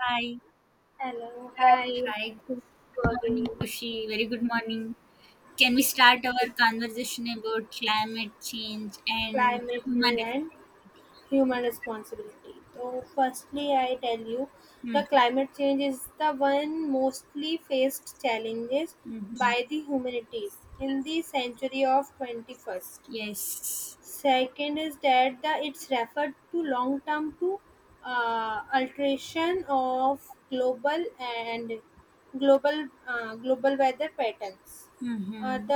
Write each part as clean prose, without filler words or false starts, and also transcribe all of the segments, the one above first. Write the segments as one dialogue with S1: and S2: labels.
S1: Hi, Hi, good morning, Kushi. Very good morning. Can we start our conversation about climate change and human responsibility? hmm Hmm. Hmm. Yes. Hmm.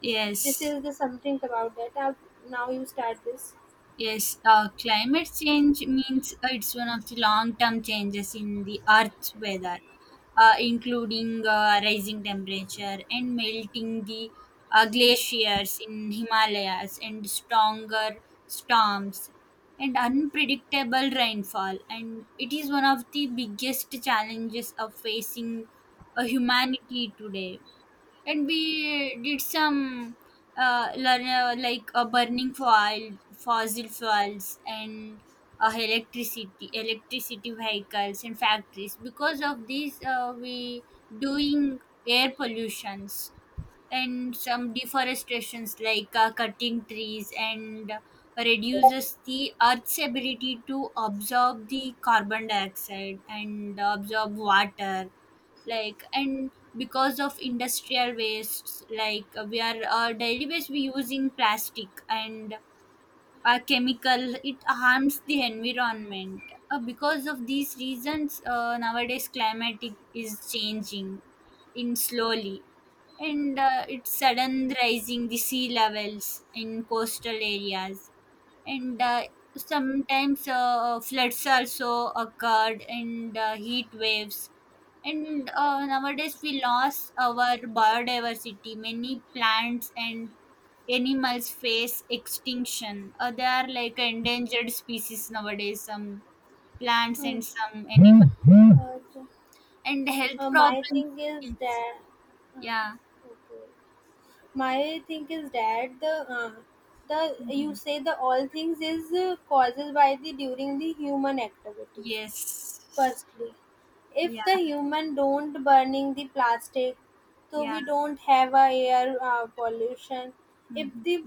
S1: Yes. Yes, climate change means it's one of the long term changes in the Earth's weather, including rising temperature and melting the glaciers in Himalayas, and stronger storms, and unpredictable rainfall. And it is one of the biggest challenges of facing humanity today, and we did some learn like burning foil fossil fuels and electricity vehicles and factories. Because of these we doing air pollutions and some deforestations like cutting trees and reduces the earth's ability to absorb the carbon dioxide and absorb water like. And because of industrial wastes, like we are, our daily waste we using plastic and chemical, it harms the environment. Because of these reasons nowadays climatic is changing in slowly, and it's sudden rising the sea levels in coastal areas, and sometimes floods also occurred, and heat waves, and nowadays we lost our biodiversity, many plants and animals face extinction. They are like endangered species nowadays, some plants and some animals. And health problems. Yes. Yeah. hmm Yes. Yeah. Yeah. hmm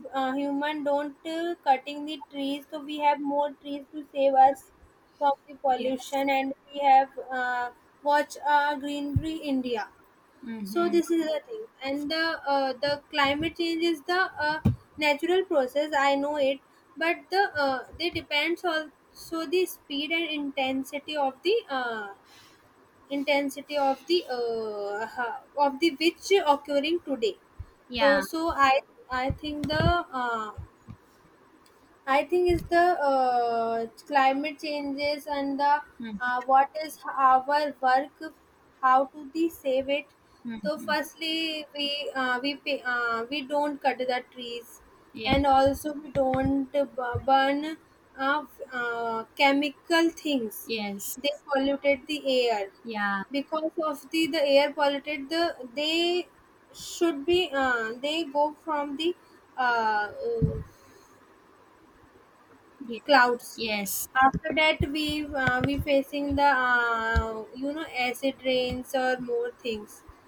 S1: Yes. hmm Yeah. hmm hmm Yeah. Yes. Yeah. Yes. Yes.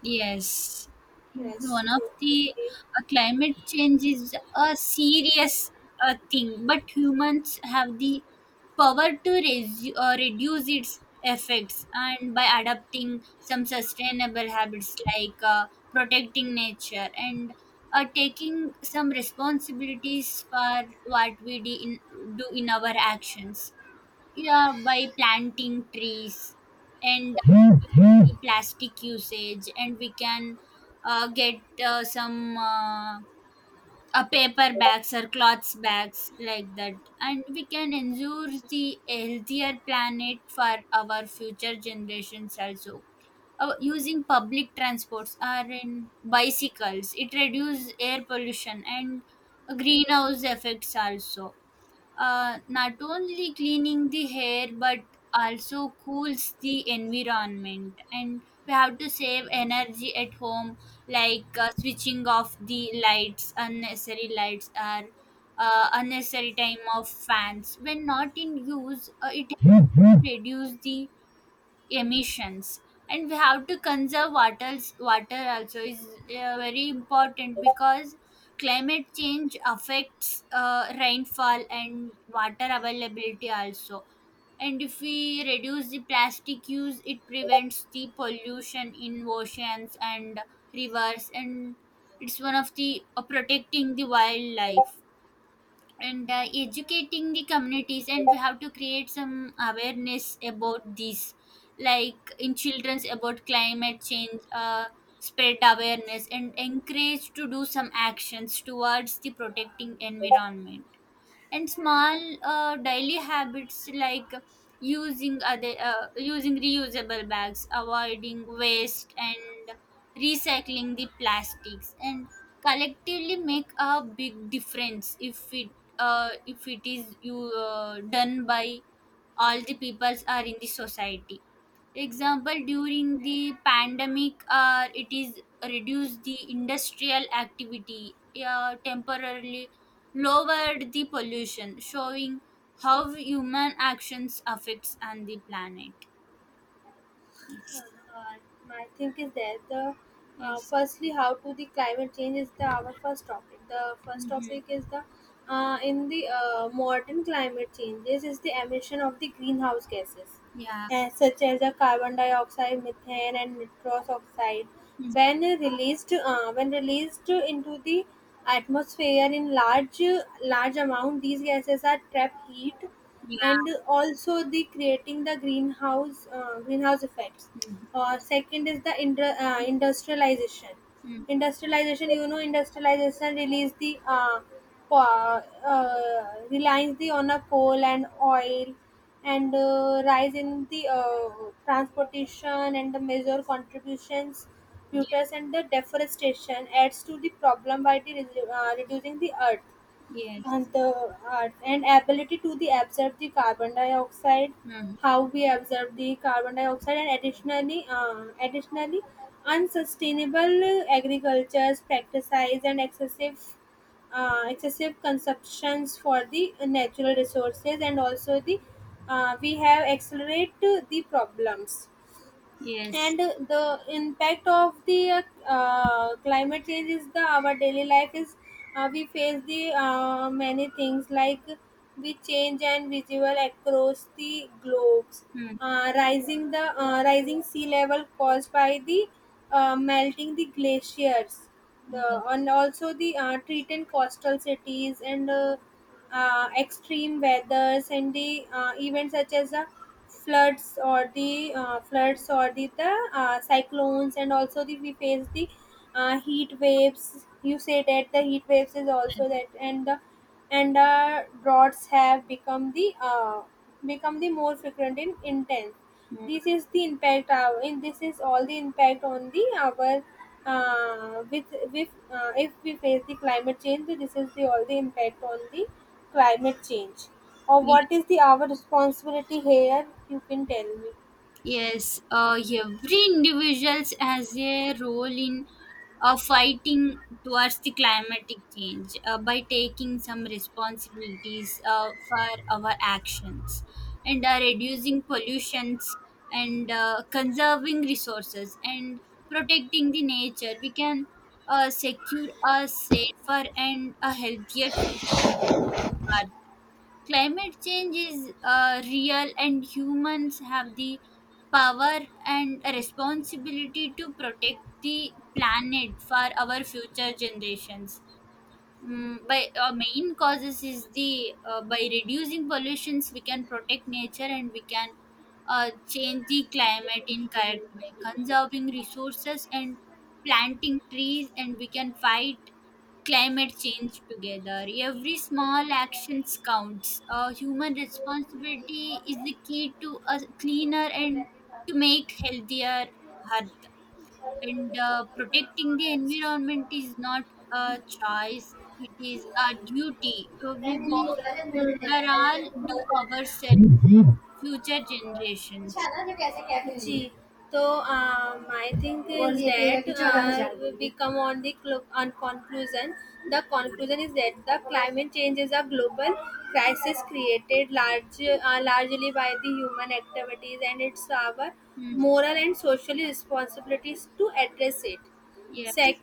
S1: Yes, one of the climate change is a serious thing, but humans have the power to reduce its effects, and by adopting some sustainable habits like protecting nature and taking some responsibilities for what we do in our actions. Yeah, by planting trees and the plastic usage, and we can get some paper bags or cloths bags like that, and we can ensure the healthier planet for our future generations also. Using public transports or in bicycles, it reduces air pollution and greenhouse effects also, not only cleaning the hair but also cools the environment. And we have to save energy at home, like switching off the lights, unnecessary lights, or unnecessary time of fans when not in use. It
S2: Woo!
S1: reduce the emissions. And we have to conserve water also, is very important, because climate change affects rainfall and water availability also. And if we reduce the plastic use, it prevents the pollution in oceans and rivers. And it's one of the protecting the wildlife and educating the communities. And we have to create some awareness about this, like in children's about climate change, spread awareness and encourage to do some actions towards the protecting environment. And small daily habits like using other using reusable bags, avoiding waste, and recycling the plastics, and collectively make a big difference if it is you done by all the peoples are in the society. Example, during the pandemic, it is reduced the industrial activity, temporarily lowered the pollution, showing how human actions affects on the planet. Yes. Yes. Mm-hmm. Yeah. Mm. Yeah. Mm. Mm. Ye- Yes. Mm. Yes. Mm. Yes. Yes. Mm. Yes, every individual has a role in fighting towards the climatic change, by taking some responsibilities for our actions, and reducing pollutions, and conserving resources and protecting the nature. We can secure a safer and a healthier future for climate change is real, and humans have the power and responsibility to protect the planet for our future generations. Mm, by main causes is the, by reducing pollutions we can protect nature, and we can change the climate in correct way, conserving resources and planting trees, and we can fight climate change together. Every small actions counts. Human responsibility is the key to a cleaner and to make healthier earth. And protecting the environment is not a choice, it is a duty. We walk for all, do ourselves, future generations. Hmm. Yes.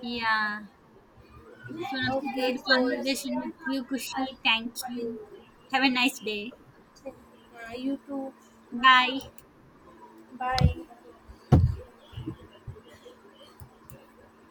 S1: Yeah. It's one of the great conversation with you, Kushi. Thank you. Have a nice day. Bye.